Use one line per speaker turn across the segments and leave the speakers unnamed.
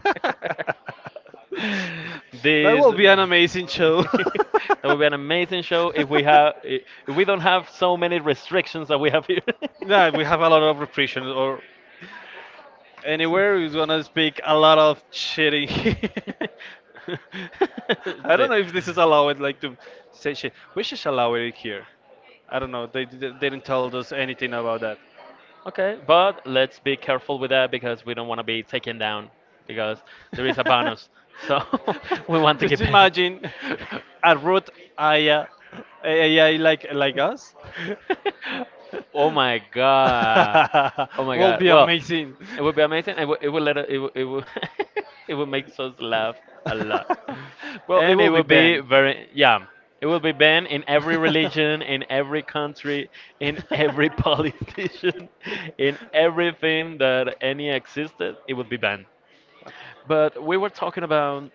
that
this
will be an amazing show.
That would be an amazing show if we have if we don't have so many restrictions that we have here.
Yeah, we have a lot of repressions, or anywhere we gonna speak a lot of shit in here. I
It's
don't
it.
know if this is allowed, like to say shit. We should allow it here. I don't know. They didn't tell us anything about that.
Okay, but let's be careful with that because we don't want to be taken down because there is a bonus. So, we want to keep
Just
it.
imagine a root AI, AI like us.
Oh my god. Oh my
Will
god.
be
Well,
amazing.
it would be amazing. It would, it would make us laugh a lot,
well, it
and it
will be
would be
banned.
very, yeah. It would be banned in every religion, in every country, in every politician, in everything that any existed. It would be banned. But we were talking about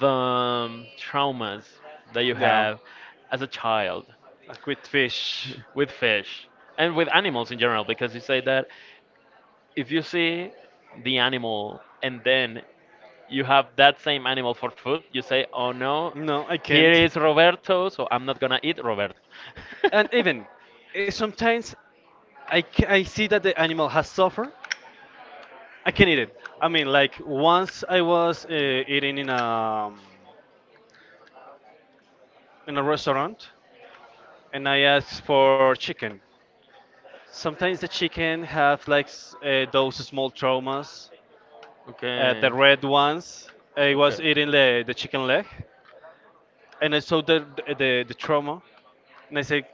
the traumas that you
Yeah,
have as a child
like with fish.
with fish and with animals in general, because you say that if you see the animal and then you have that same animal for food, you say, "Oh no,
No, I
here
can't.
is Roberto, so I'm not gonna eat Roberto."
And even sometimes I see that the animal has suffered. I can eat it. I mean, like once I was eating in a in a restaurant, and I asked for chicken. Sometimes the chicken have like those small traumas.
Okay.
The red ones. I
Okay.
was eating the chicken leg, and I saw the trauma, and I said.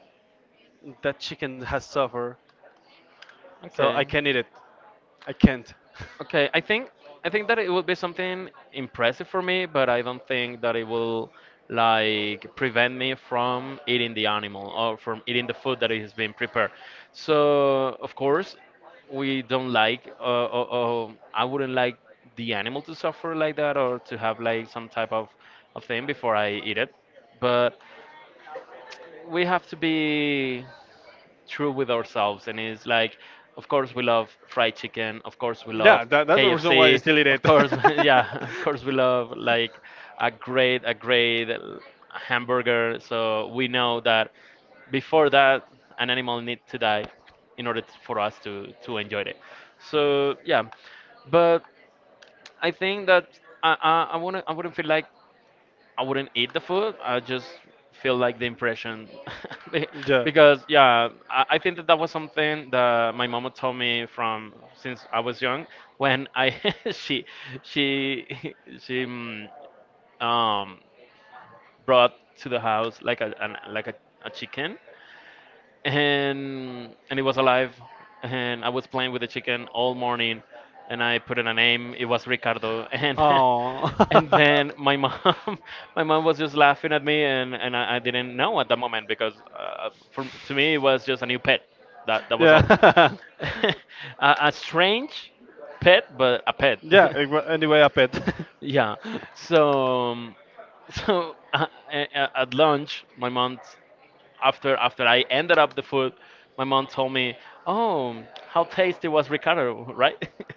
That chicken has suffered, so I
Okay.
can't eat it. I can't.
Okay, I think that it will be something impressive for me, but I don't think that it will like prevent me from eating the animal or from eating the food that is being prepared. So of course, we don't like. I wouldn't like the animal to suffer like that or to have like some type of thing before I eat it. But we have to be true with ourselves, and it's like, of course we love fried chicken, of course we love
Yeah, that's the reason why I
KFC,
still eat
of
it.
course, yeah, of course we love like a great hamburger. So we know that before that an animal needs to die in order for us to enjoy it. So, yeah. But I think that I wouldn't feel like, I wouldn't eat the food. I just feel like the impression. Be-
yeah.
because yeah, I think that that was something that my mama told me from since I was young. When I she she she um, brought to the house like a an, like a chicken. And it was alive, and I was playing with the chicken all morning. And I put in a name, it was Ricardo. And
Oh.
and then my mom my mom was just laughing at me, and I didn't know at the moment, because to me it was just a new pet. That was all.
Yeah.
a, a strange pet, but a pet.
Anyway, a pet.
Yeah. So, so, at lunch, my mom, after I ended up the food, my mom told me, "Oh, how tasty was Ricardo, right?"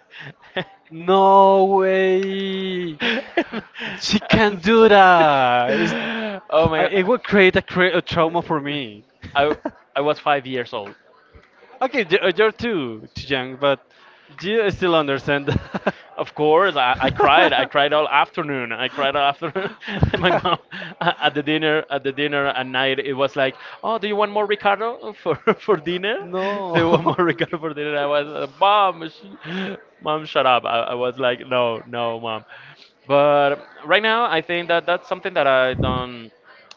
No way! She can't do that.
Oh my
It
god.
would create a trauma for me.
I I was 5 years old.
okay, you're too young, but do you still understand that?
Of course, I cried. I cried all afternoon. I cried all afternoon. And my mom, at the dinner at night, it was like, "Oh, do you want more Ricardo for for dinner?
No.
Do you want more Ricardo for dinner?" I was, "Mom, mom, shut up." I was like, "No, no, mom." But right now, I think that that's something that I don't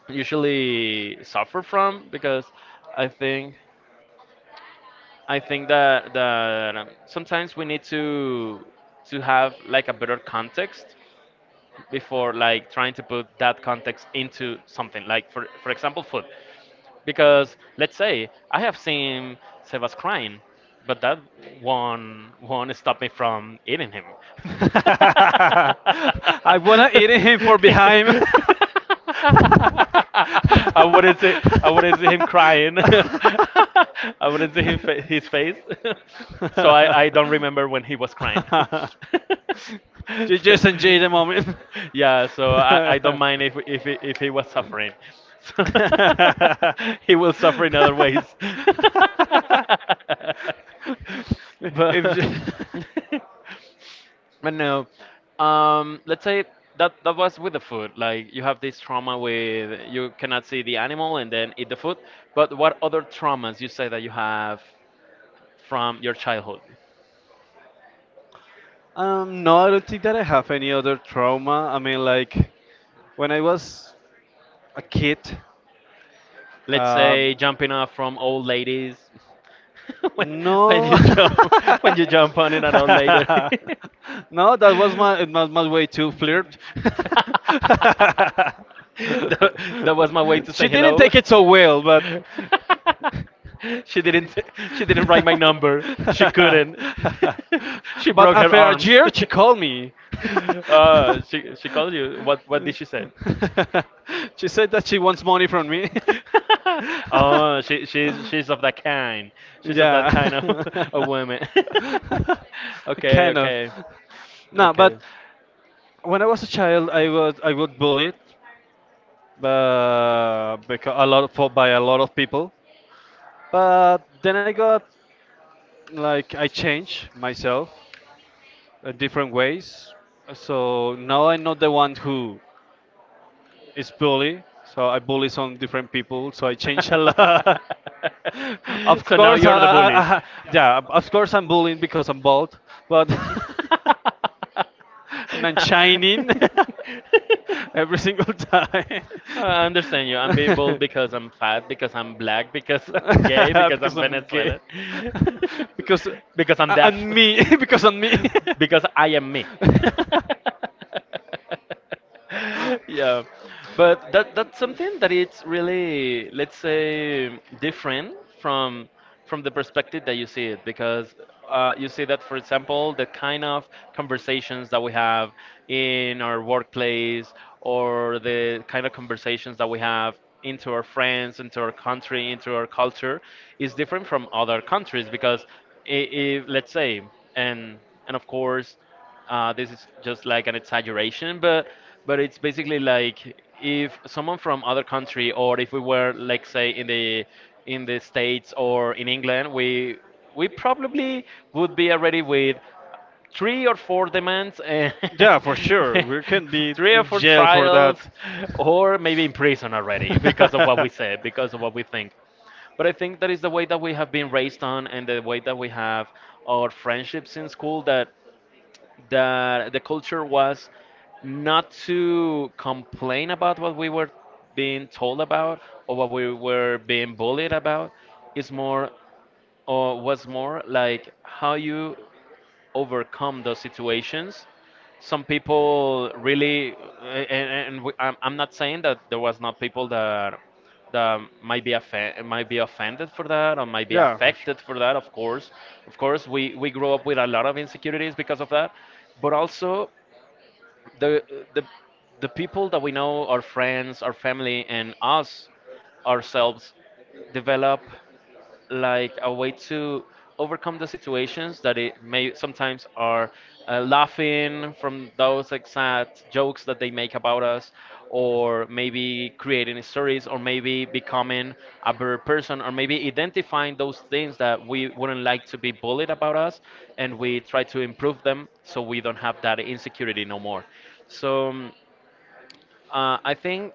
usually suffer from, because I think
I think that
I think that sometimes we need to have like a better context before like trying to put that context into something, like, for example, food. Because let's say I have seen Sebas crying, but that won't stop me
will.
from eating him.
I wanna eat him for behind.
I wouldn't see I wouldn't see him crying. I wouldn't see him his face. So I don't remember when he was crying. So-
you just enjoy the moment.
yeah, so I don't mind if if he was suffering. He will suffer in other ways.
if
But
you—
but no, let's say that that was with the food. Like, you have this trauma with, you cannot see the animal and then eat the food. But what other traumas you say that you have from your childhood?
no, I don't think that I have any other trauma. I mean, like when I was a kid.
Let's
Um,
say jumping off from old ladies. when,
No.
when you jump When you jump on it at all later.
no, that was my, it was my way to flirt.
That, that was my way to say
she didn't
hello.
take it so well, but.
she didn't she didn't write my number. She couldn't. She
but
broke her
after a
arms.
year, she called me.
She called you. What did she say?
she said that she wants money from me.
Oh, she's of that kind. She's of that kind of
Yeah.
of women. Okay,
kind of.
okay,
No,
okay.
but when I was a child, I got bullied, but because a lot of, for by a lot of people. But then I got like I changed myself in different ways. So now I'm not the one who It's bully, so I bully some different people, so I change a lot. of
So now
course,
you're the bully.
yeah, of course I'm bullying because I'm bald, but and I'm shining every single time.
I understand you. I'm being bold because I'm fat, because I'm black, because I'm gay, because
because
I'm
I'm gay.
Venezuelan,
because
because I'm deaf,
and me because on me.
because I am me. Yeah, but that, that's something that it's really, let's say, different from from the perspective that you see it, because you see that, for example, the kind of conversations that we have in our workplace, or the kind of conversations that we have into our friends, into our country, into our culture, is different from other countries, because I let's say, and and of course, this is just like an exaggeration, but it's basically like, if someone from other country, or if we were like, say, in the States, or in England, we probably would be already with three or four demands, and
Yeah, for sure. We can be
three or four
three
trials,
that.
or maybe in prison already, because of what we said, because of what we think. But I think that is
That's
the
what.
way that we have been raised on, and the way that we have our friendships in school, that the culture was not to complain about what we were being told about, or what we were being bullied about. It's more, or was more like, how you overcome those situations. Some people really, and, and I'm not saying that there was not people that might be might be offended for that, or might be
Yeah, for sure.
affected for that. Of course, we grew up with a lot of insecurities because of that, but also, the the the people that we know, our friends, our family, and us, ourselves, develop like a way to overcome the situations that it may sometimes are, laughing from those exact jokes that they make about us, or maybe creating stories, or maybe becoming a better person, or maybe identifying those things that we wouldn't like to be bullied about us, and we try to improve them so we don't have that insecurity no more. So, I think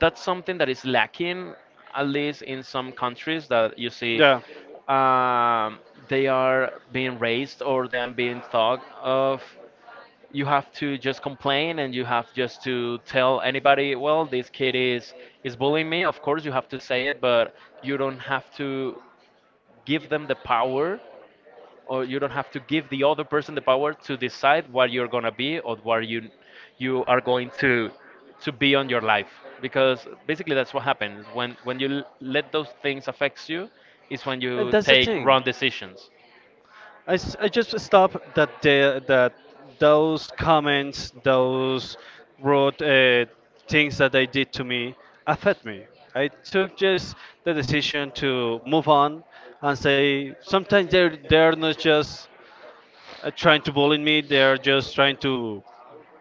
that's something that is lacking, at least in some countries, that you see,
Yeah.
um, they are being raised, or they are being thought of. You have to just complain, and you have just to tell anybody, well, this kid is bullying me. Of course, you have to say it, but you don't have to give them the power, or you don't have to give the other person the power to decide what you're gonna be, or what you are going to be on your life, because basically that's what happens when you let those things affect you, is when
And
you
that's the
take
thing.
wrong decisions.
I just stop that that those comments, those rude things that they did to me affect me. I took just the decision to move on and say sometimes they're not just trying to bully me. They're just trying to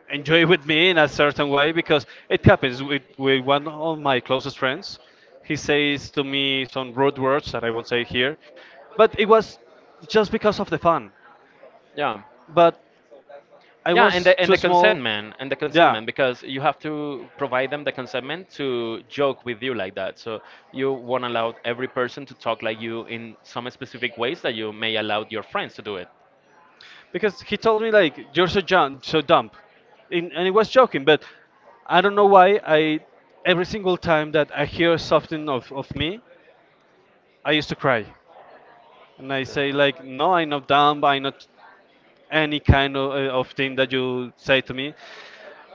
enjoy with me in a certain way because it happens with one of my closest friends. He says to me some rude words that I won't say here, but it was just because of the fun,
Yeah,
but I
yeah, and
was
the and the
too
consent
small.
man and the consent
Yeah,
man because you have to provide them the consentment to joke with you like that. So you won't allow every person to talk like you in some specific ways that you may allow your friends to do it.
because he told me like you're so young, so dumb. In, and he was joking. But I don't know why I every single time that I hear something of me, I used to cry, and I say like no, I'm not dumb, I'm not any kind of thing that you say to me.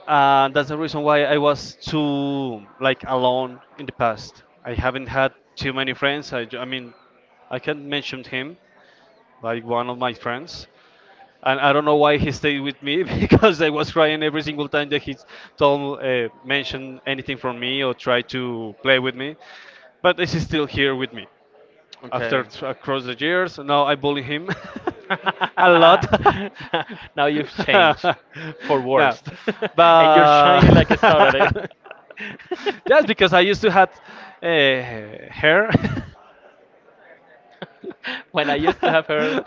And that's the reason why I was too like alone in the past. I haven't had too many friends. I mean, I can mention him like one of my friends, and I don't know why he stayed with me because I was crying every single time that he told mentioned anything from me or tried to play with me. But he's still here with me after
Okay.
across the years. Now I bully him a lot.
Now you've changed for
no,
worst, and you're shining like a star
but
at it.
just because I used to have uh, hair.
When I used to have heard,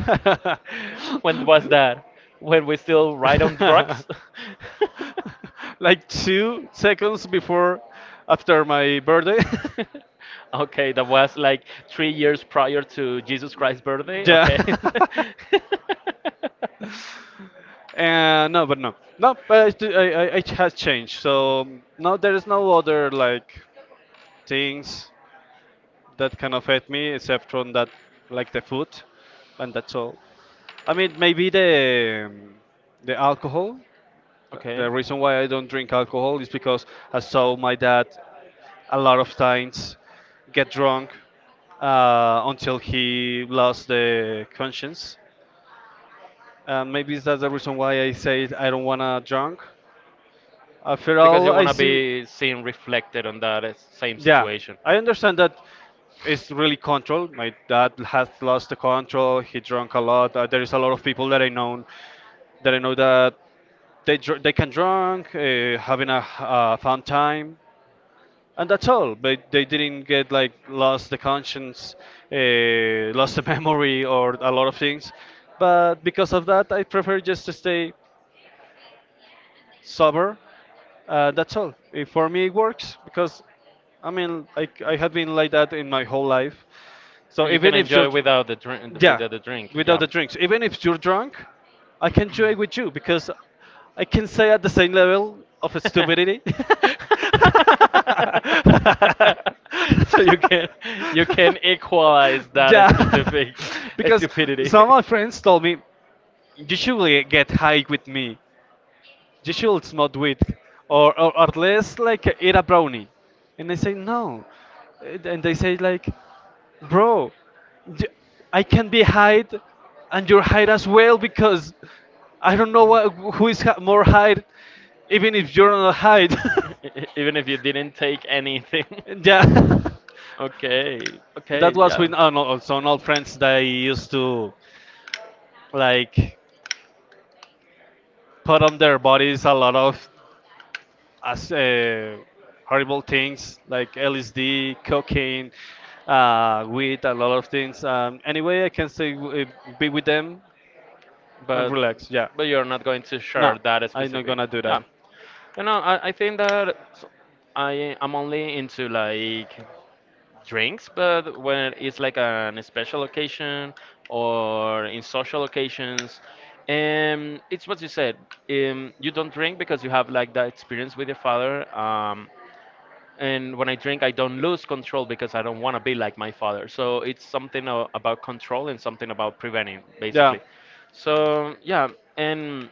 when was that? When we still ride on drugs?
like two seconds before after my birthday.
Okay, that was like 3 years prior to Jesus Christ's birthday.
yeah.
Okay.
and no, but no, no, but I, it has changed. So no, there is no other like things that can affect me except from that, like the food, and that's all. I mean, maybe the alcohol.
Okay.
The reason why I don't drink alcohol is because I saw my dad a lot of times get drunk until he lost the conscience. Maybe that's the reason why I say I don't wanna drunk. After
Because
all,
you
I
want to
see.
be seen reflected on that same
Yeah,
situation.
I understand that it's really control. My dad has lost the control. He drank a lot. There is a lot of people that I know that I know that they can drunk, having a fun time, and that's all. But they didn't get like lost the conscience, lost the memory, or a lot of things. But because of that, I prefer just to stay sober. That's all. It, for me, it works because I mean, I have been like that in my whole life. So
And you can
even if you're,
enjoy without the drink,
yeah,
without the drink.
without
Yeah.
the drinks, even if you're drunk, I can enjoy with you because I can say at the same level of stupidity.
So you can equalize that
yeah,
specific
because
stupidity.
some of my friends told me you should really get high with me. You should not do it, or at least like eat a brownie. And I say no, and they say like, bro, d- I can be hide, and you're hide as well because I don't know what, who is hi- more hide, even if you're not hide.
Even if you didn't take anything.
And yeah,
Okay.
that
Okay,
was
yeah.
with no, some old friends that I used to like put on their bodies a lot of as horrible things like LSD, cocaine, weed, a lot of things. Anyway, I can say be with them and
But
relax. Yeah.
but you're not going to
No,
share that
I'm not
specific.
gonna do
Yeah.
that.
You know, I think that I am only into like drinks, but when it's like an special occasion or in social occasions, it's what you said. You don't drink because you have like that experience with your father. And when I drink, I don't lose control because I don't want to be like my father. So it's something about control and something about preventing,
Yeah.
basically. So, yeah, and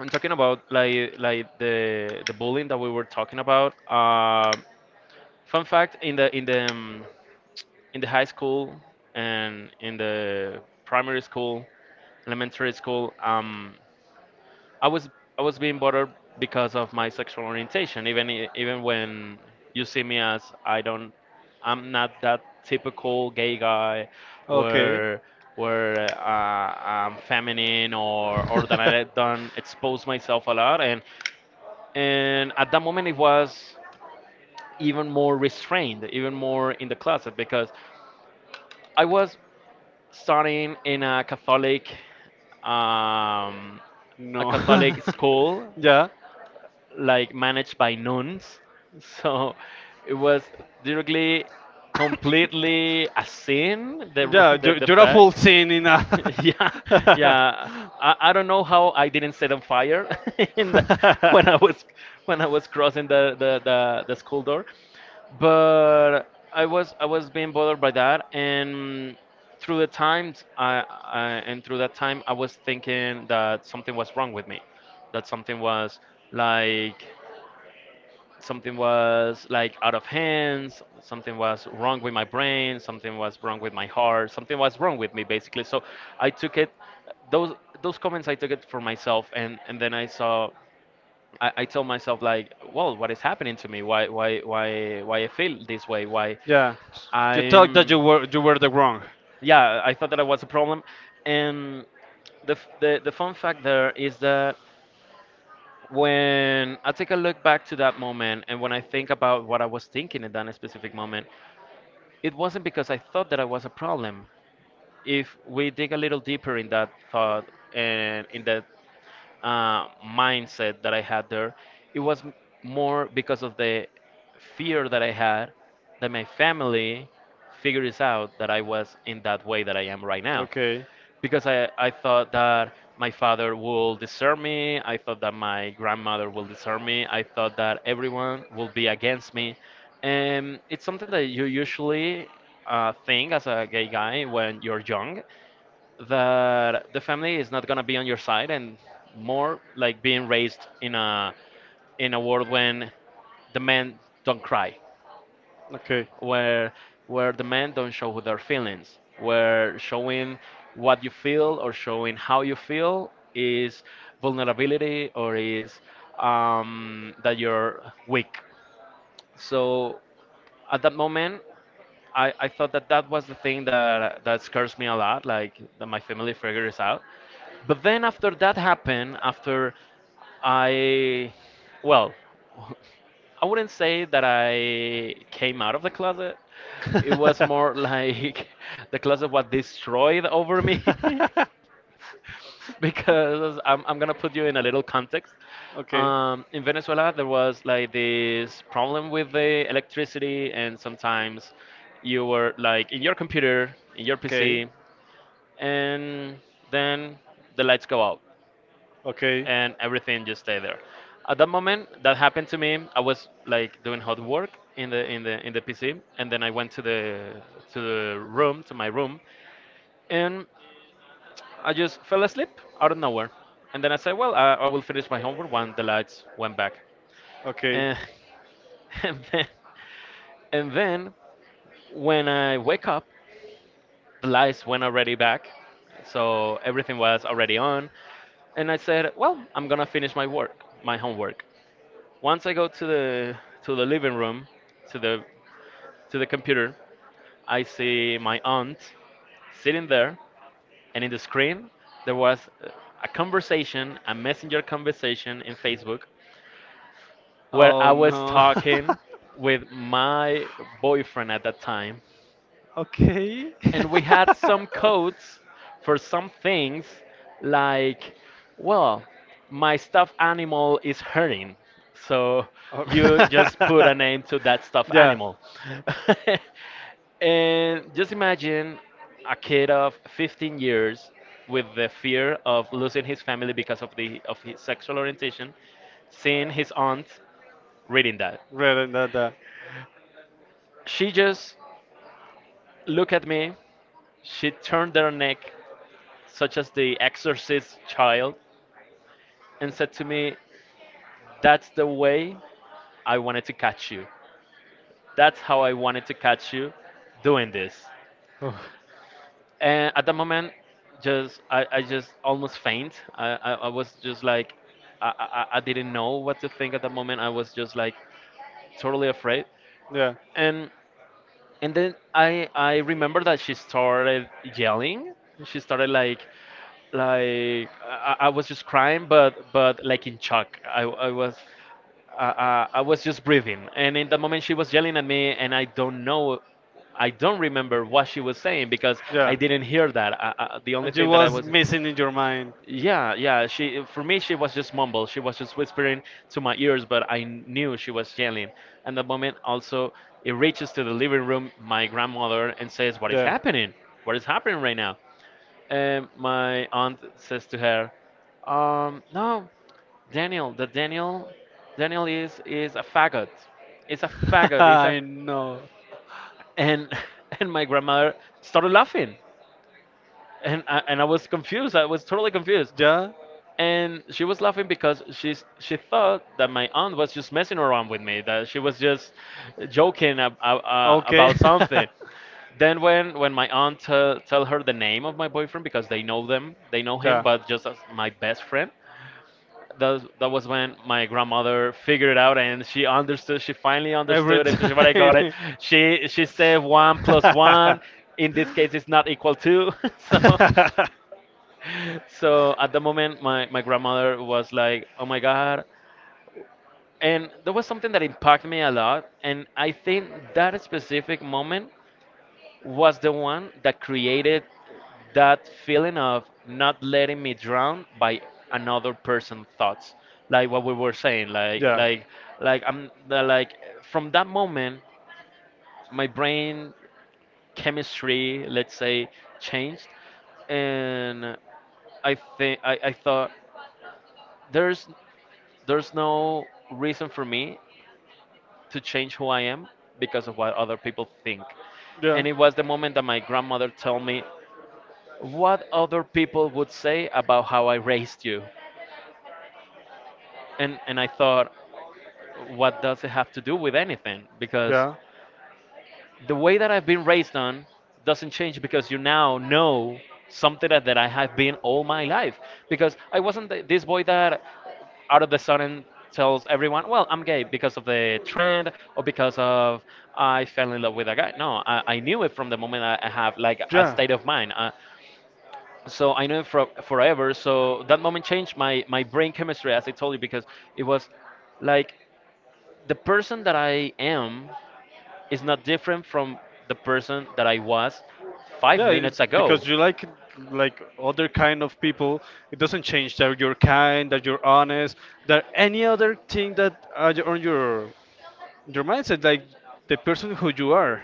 I'm talking about, like the bullying that we were talking about. Fun fact, in the high school and in the primary school, elementary school, I was I was being bothered because of my sexual orientation. Even when you see me, as I'm not that typical gay guy,
Okay.
where where I'm feminine, or that I don't expose myself a lot. And and at that moment, it was even more restrained, even more in the closet, because I was studying in um, a
No.
Catholic school,
Yeah.
like, managed by nuns. So it was directly, completely a sin the
Yeah,
the, the
you're a full
fact.
scene in a.
Yeah, yeah, I don't know how I didn't set on fire in the, when i was when I was crossing the school door. But I was being bothered by that, and through the times I and through that time I was thinking that something was wrong with me, that like something was like out of hands. Something was wrong with my brain, something was wrong with my heart, something was wrong with me, basically. So I took it those those comments, I took it for myself. And then I told myself, like, well, what is happening to me? Why I feel this way? why
Yeah. You thought
i'm
that you were the wrong.
yeah, I thought that I was a problem. And the fun fact there is that when I take a look back to that moment and when I think about what I was thinking in that specific moment, it wasn't because I thought that I was a problem. If we dig a little deeper in that thought and in that mindset that I had there, it was more because of the fear that I had, that my family figures out that I was in that way that I am right now.
Okay.
Because I thought that my father will desert me. I thought that my grandmother will desert me. I thought that everyone will be against me. And it's something that you usually think as a gay guy when you're young, that the family is not going to be on your side, and more like being raised in a world when the men don't cry,
Okay.
where where the men don't show their feelings, where showing what you feel or showing how you feel is vulnerability, or is, that you're weak. So at that moment, I thought that that was the thing that scares me a lot, like, that my family figures out. But then, after that happened, after I, well, I wouldn't say that I came out of the closet. It was more like the closet was destroyed over me. Because I'm gonna put you in a little context.
okay.
In Venezuela, there was, like, this problem with the electricity, and sometimes you were, like, in your computer, in your PC, and then the lights go out
Okay. Okay.
and everything just stay there. At that moment, that happened to me. I was, like, doing hot work in the in the PC, and then I went to my room, and I just fell asleep out of nowhere. And then I said, well, I will finish my homework when the lights went back.
Okay.
And, and then and then when I wake up, the lights went already back, so everything was already on. And I said, well, I'm gonna finish my work, my homework. Once I go to the living room, to the to the computer, I see my aunt sitting there, and in the screen there was a conversation, a messenger conversation in Facebook, where
Oh
I was
no.
talking with my boyfriend at that time,
Okay.
and we had some codes for some things, like, well, my stuffed animal is hurting, so
Oh.
you just put a name to that stuffed
Yeah,
animal. And just imagine a kid of 15 years with the fear of losing his family because of his sexual orientation, seeing his aunt reading that.
right, and that, that.
She just looked at me, she turned her neck, such as The Exorcist Child, and said to me, "That's the way I wanted to catch you. That's how I wanted to catch you doing this."
Oh,
And at the moment, just I just almost faint. I was just like, I didn't know what to think at the moment. I was just like totally afraid.
yeah.
And And then I remember that she started yelling. She started like, I was just crying, but like in shock. I was. I was just breathing, and in that moment she was yelling at me, and I don't know, I don't remember what she was saying because I didn't hear that. The only
It
thing that I
was
was,
missing in your mind.
yeah, yeah. She, for me, she was just mumble. She was just whispering to my ears, but I knew she was yelling. And the moment also it reaches to the living room, my grandmother, and says, "What is happening? What is happening right now?" And my aunt says to her, "No, Daniel. Daniel, is a faggot. It's a
faggot.
faggot. It's a."
I know.
And and my grandmother started laughing, and
And,
I was confused. I was totally confused.
yeah. And
And she was laughing because she's, she thought that my aunt was just messing around with me, that she was just joking
know?
about something. Then when my aunt tell her the name of my boyfriend, because they know him, but just as my best friend, that was when my grandmother figured it out, and she understood, she finally understood, if she I got it.
time.
She said one plus one, in this case, is not equal to, so so at the moment, my grandmother was like, oh my God. And there was something that impacted me a lot. And I think that specific moment was the one that created that feeling of not letting me drown by another person's thoughts. Like what we were saying, like, I'm the, like, from that moment, my brain chemistry, let's say, changed, and I think I thought, there's no reason for me to change who I am because of what other people think. And it was the moment that my grandmother told me, what other people would say about how I raised you. And I thought, what does it have to do with anything? Because the way that I've been raised on doesn't change because you now know something that I have been all my life. Because I wasn't this boy that, out of the sudden, tells everyone, well, I'm gay because of the trend or because of, I fell in love with a guy. No, I knew it from the moment I have, like, a
Yeah.
state of mind. So I knew it forever. So that moment changed my brain chemistry, as I told you, because it was like, the person that I am is not different from the person that I was five
Yeah,
minutes ago.
because you like other kind of people. It doesn't change that you're kind, that you're honest, that any other thing that on your mindset, like the person who you are.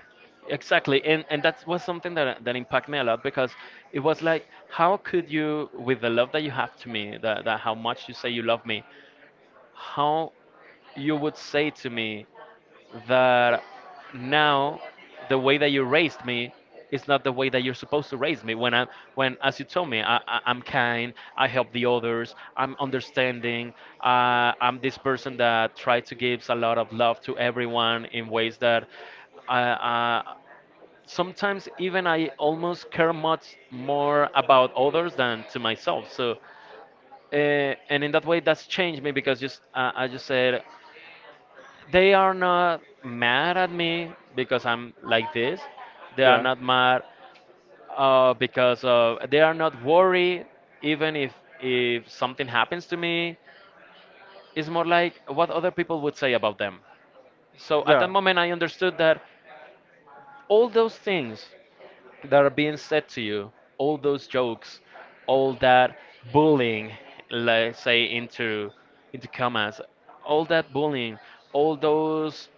Exactly, and that was something that impacted me a lot, because it was like, how could you, with the love that you have to me, that how much you say you love me, how you would say to me that now the way that you raised me is not the way that you're supposed to raise me. When, as you told me, I'm kind, I help the others, I'm understanding, I'm this person that tries to give a lot of love to everyone, in ways that I, uh, sometimes even I almost care much more about others than to myself. So uh, and in that way, that's changed me, because just, I just said, they are not mad at me because I'm like this. They are
Yeah.
not mad, because, they are not worried even if something happens to me. It's more like what other people would say about them. So at that
Yeah.
moment, I understood that all those things that are being said to you, all those jokes, all that bullying, let's say, into commas, all that bullying, all those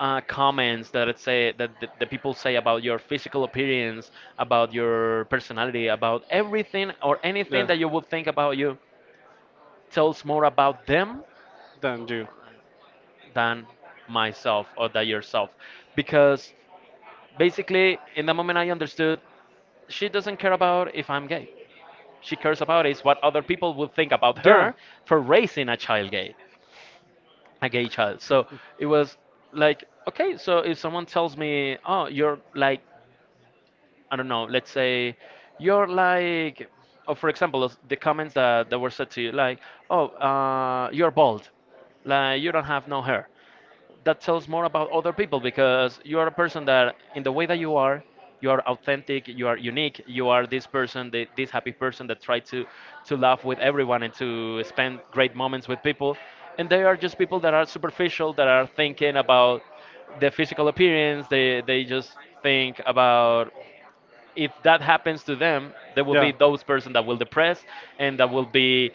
comments that it say that the people say about your physical appearance, about your personality, about everything or
Yeah,
anything that you would think about you, tells more about them
then do.
than myself, or than yourself, because basically, in the moment, I understood, she doesn't care about if I'm gay, she cares about is what other people would think about
Yeah.
her for raising a child gay, a gay child. So it was like, okay, so if someone tells me, oh, you're like, I don't know, let's say, you're like, oh, for example, the comments that were said to you, like, oh, you're bald, like, you don't have no hair. That tells more about other people, because you are a person that in the way that you are, you are authentic, you are unique, you are this person, this happy person that try to laugh with everyone and to spend great moments with people. And they are just people that are superficial, that are thinking about the physical appearance. They just think about, if that happens to them, there will be those person that will depress, and that will be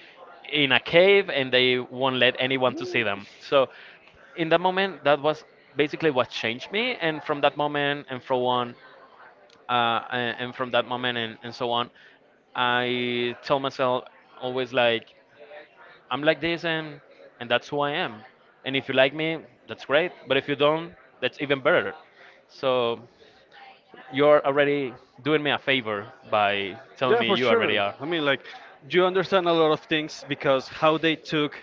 in a cave, and they won't let anyone to see them. So in that moment, that was basically what changed me. And from that moment and from on, and from that moment and so on, I tell myself always like, I'm like this, and that's who I am. And if you like me, that's great. But if you don't, that's even better. So you're already doing me a favor by telling
Yeah,
me
for
you already
sure.
are.
I mean, like, you understand a lot of things because how they took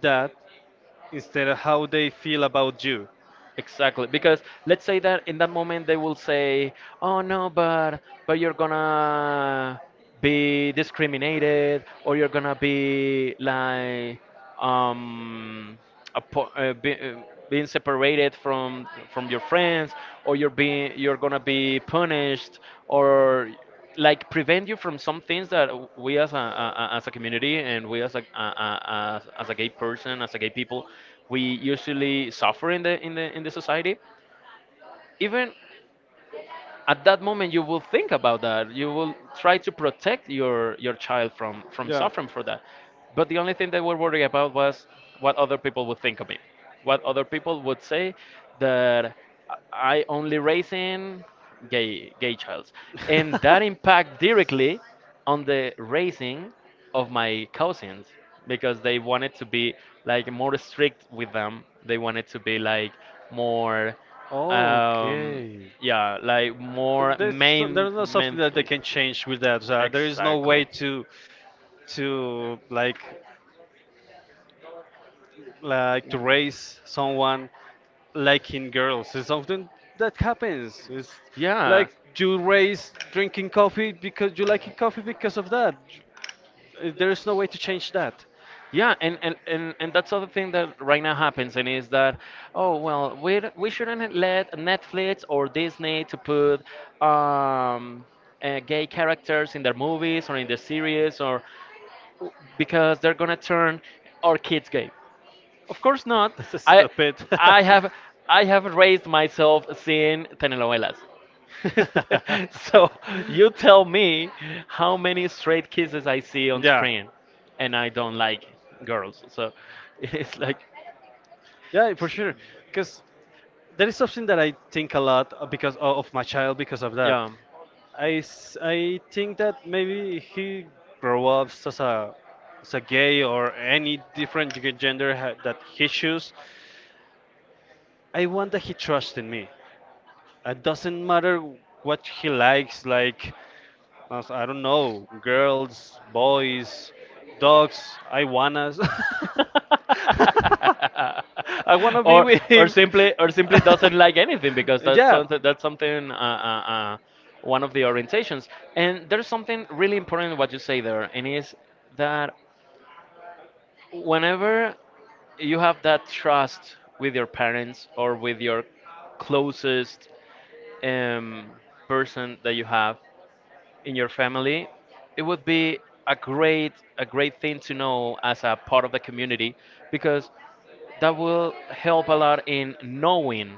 that instead of how they feel about you.
Exactly, because let's say that in that moment they will say, "Oh no, but you're gonna be discriminated, or you're gonna be like um be, being separated from your friends, or you're gonna be punished, or," like prevent you from some things that we as as a community, and we as as a gay person, as a gay people, we usually suffer in the in the society. Even at that moment, you will think about that. You will try to protect your child from
Yeah.
suffering for that. But the only thing they were worried about was what other people would think of me, what other people would say, that I only raising gay childs. And that impact directly on the raising of my cousins, because they wanted to be like more strict with them. They wanted to be like more, um,
Okay.
yeah, like
Th-
more
There's so,
main
there's not something that they
mentally.
can change with that. There is no way
Exactly.
to like to raise someone liking girls. It's something that happens. It's
Yeah.
like you raise drinking coffee because you like coffee because of that. There is no way to change that.
Yeah, and that's other thing that right now happens, and is that, oh, well, we shouldn't let Netflix or Disney to put um, gay characters in their movies or in their series, or because they're gonna turn our kids gay. Of course not.
That's
I
stupid.
I have I have raised myself seeing telenovelas. So you tell me how many straight kisses I see on
yeah.
screen, and I don't like girls. So it's like,
Yeah, for sure. Because that is something that I think a lot because of my child because of that.
yeah.
I think that maybe he grow up as a gay or any different gender that he choose. I want that he trusts in me. It doesn't matter what he likes, like I don't know, girls, boys, dogs, I wannas. I wanna be
Or
with him.
or simply doesn't like anything, because that's
yeah.
something, that's something, one of the orientations. And there's something really important what you say there, and is that whenever you have that trust with your parents or with your closest um, person that you have in your family, it would be a great a great thing to know as a part of the community, because that will help a lot in knowing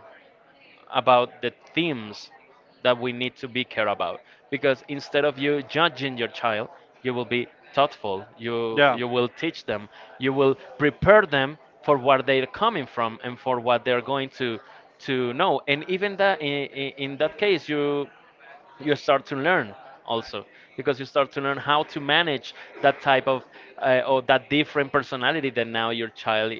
about the themes that we need to be care about. Because instead of you judging your child, you will be thoughtful. You will teach them, you will prepare them for where they're coming from and for what they're going to know. And even
Yeah.
that in that case, you start to learn also, because you start to learn how to manage that type of, or that different personality that now your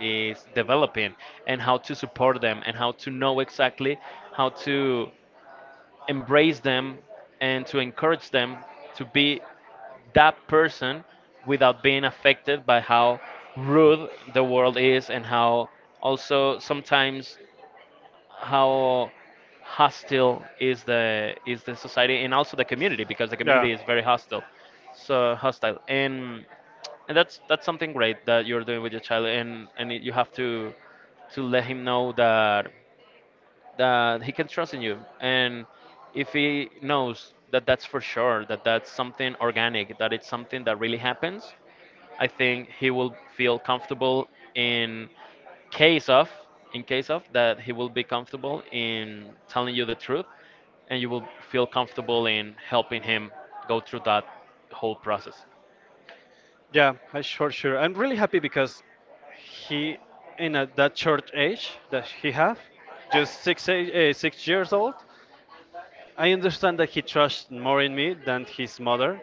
is developing, and how to support them, and how to know exactly how to embrace them, and to encourage them to be that person, without being affected by how rude the world is, and how also sometimes how hostile is the society, and also the community, because the
Yeah.
community is very hostile, so hostile. And that's something great that you're doing with your child. And you have to let him know that he can trust in you. And if he knows that, that's for sure, that that's something organic, that it's something that really happens, I think he will feel comfortable in case of case of that. He will be comfortable in telling you the truth, and you will feel comfortable in helping him go through that whole process.
Yeah, I sure sure. I'm really happy because he in a, that short age that he have, just six 6 years old. I understand that he trusts more in me than his mother,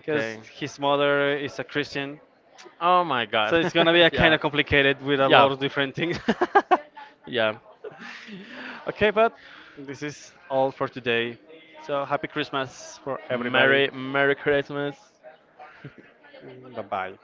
because his mother is a Christian.
Oh my
So
god.
it's gonna be a kind
Yeah.
of complicated with a
Yeah.
lot of different things.
Yeah.
okay, but this is all for today. So happy Christmas for everybody.
Merry Christmas.
Bye bye.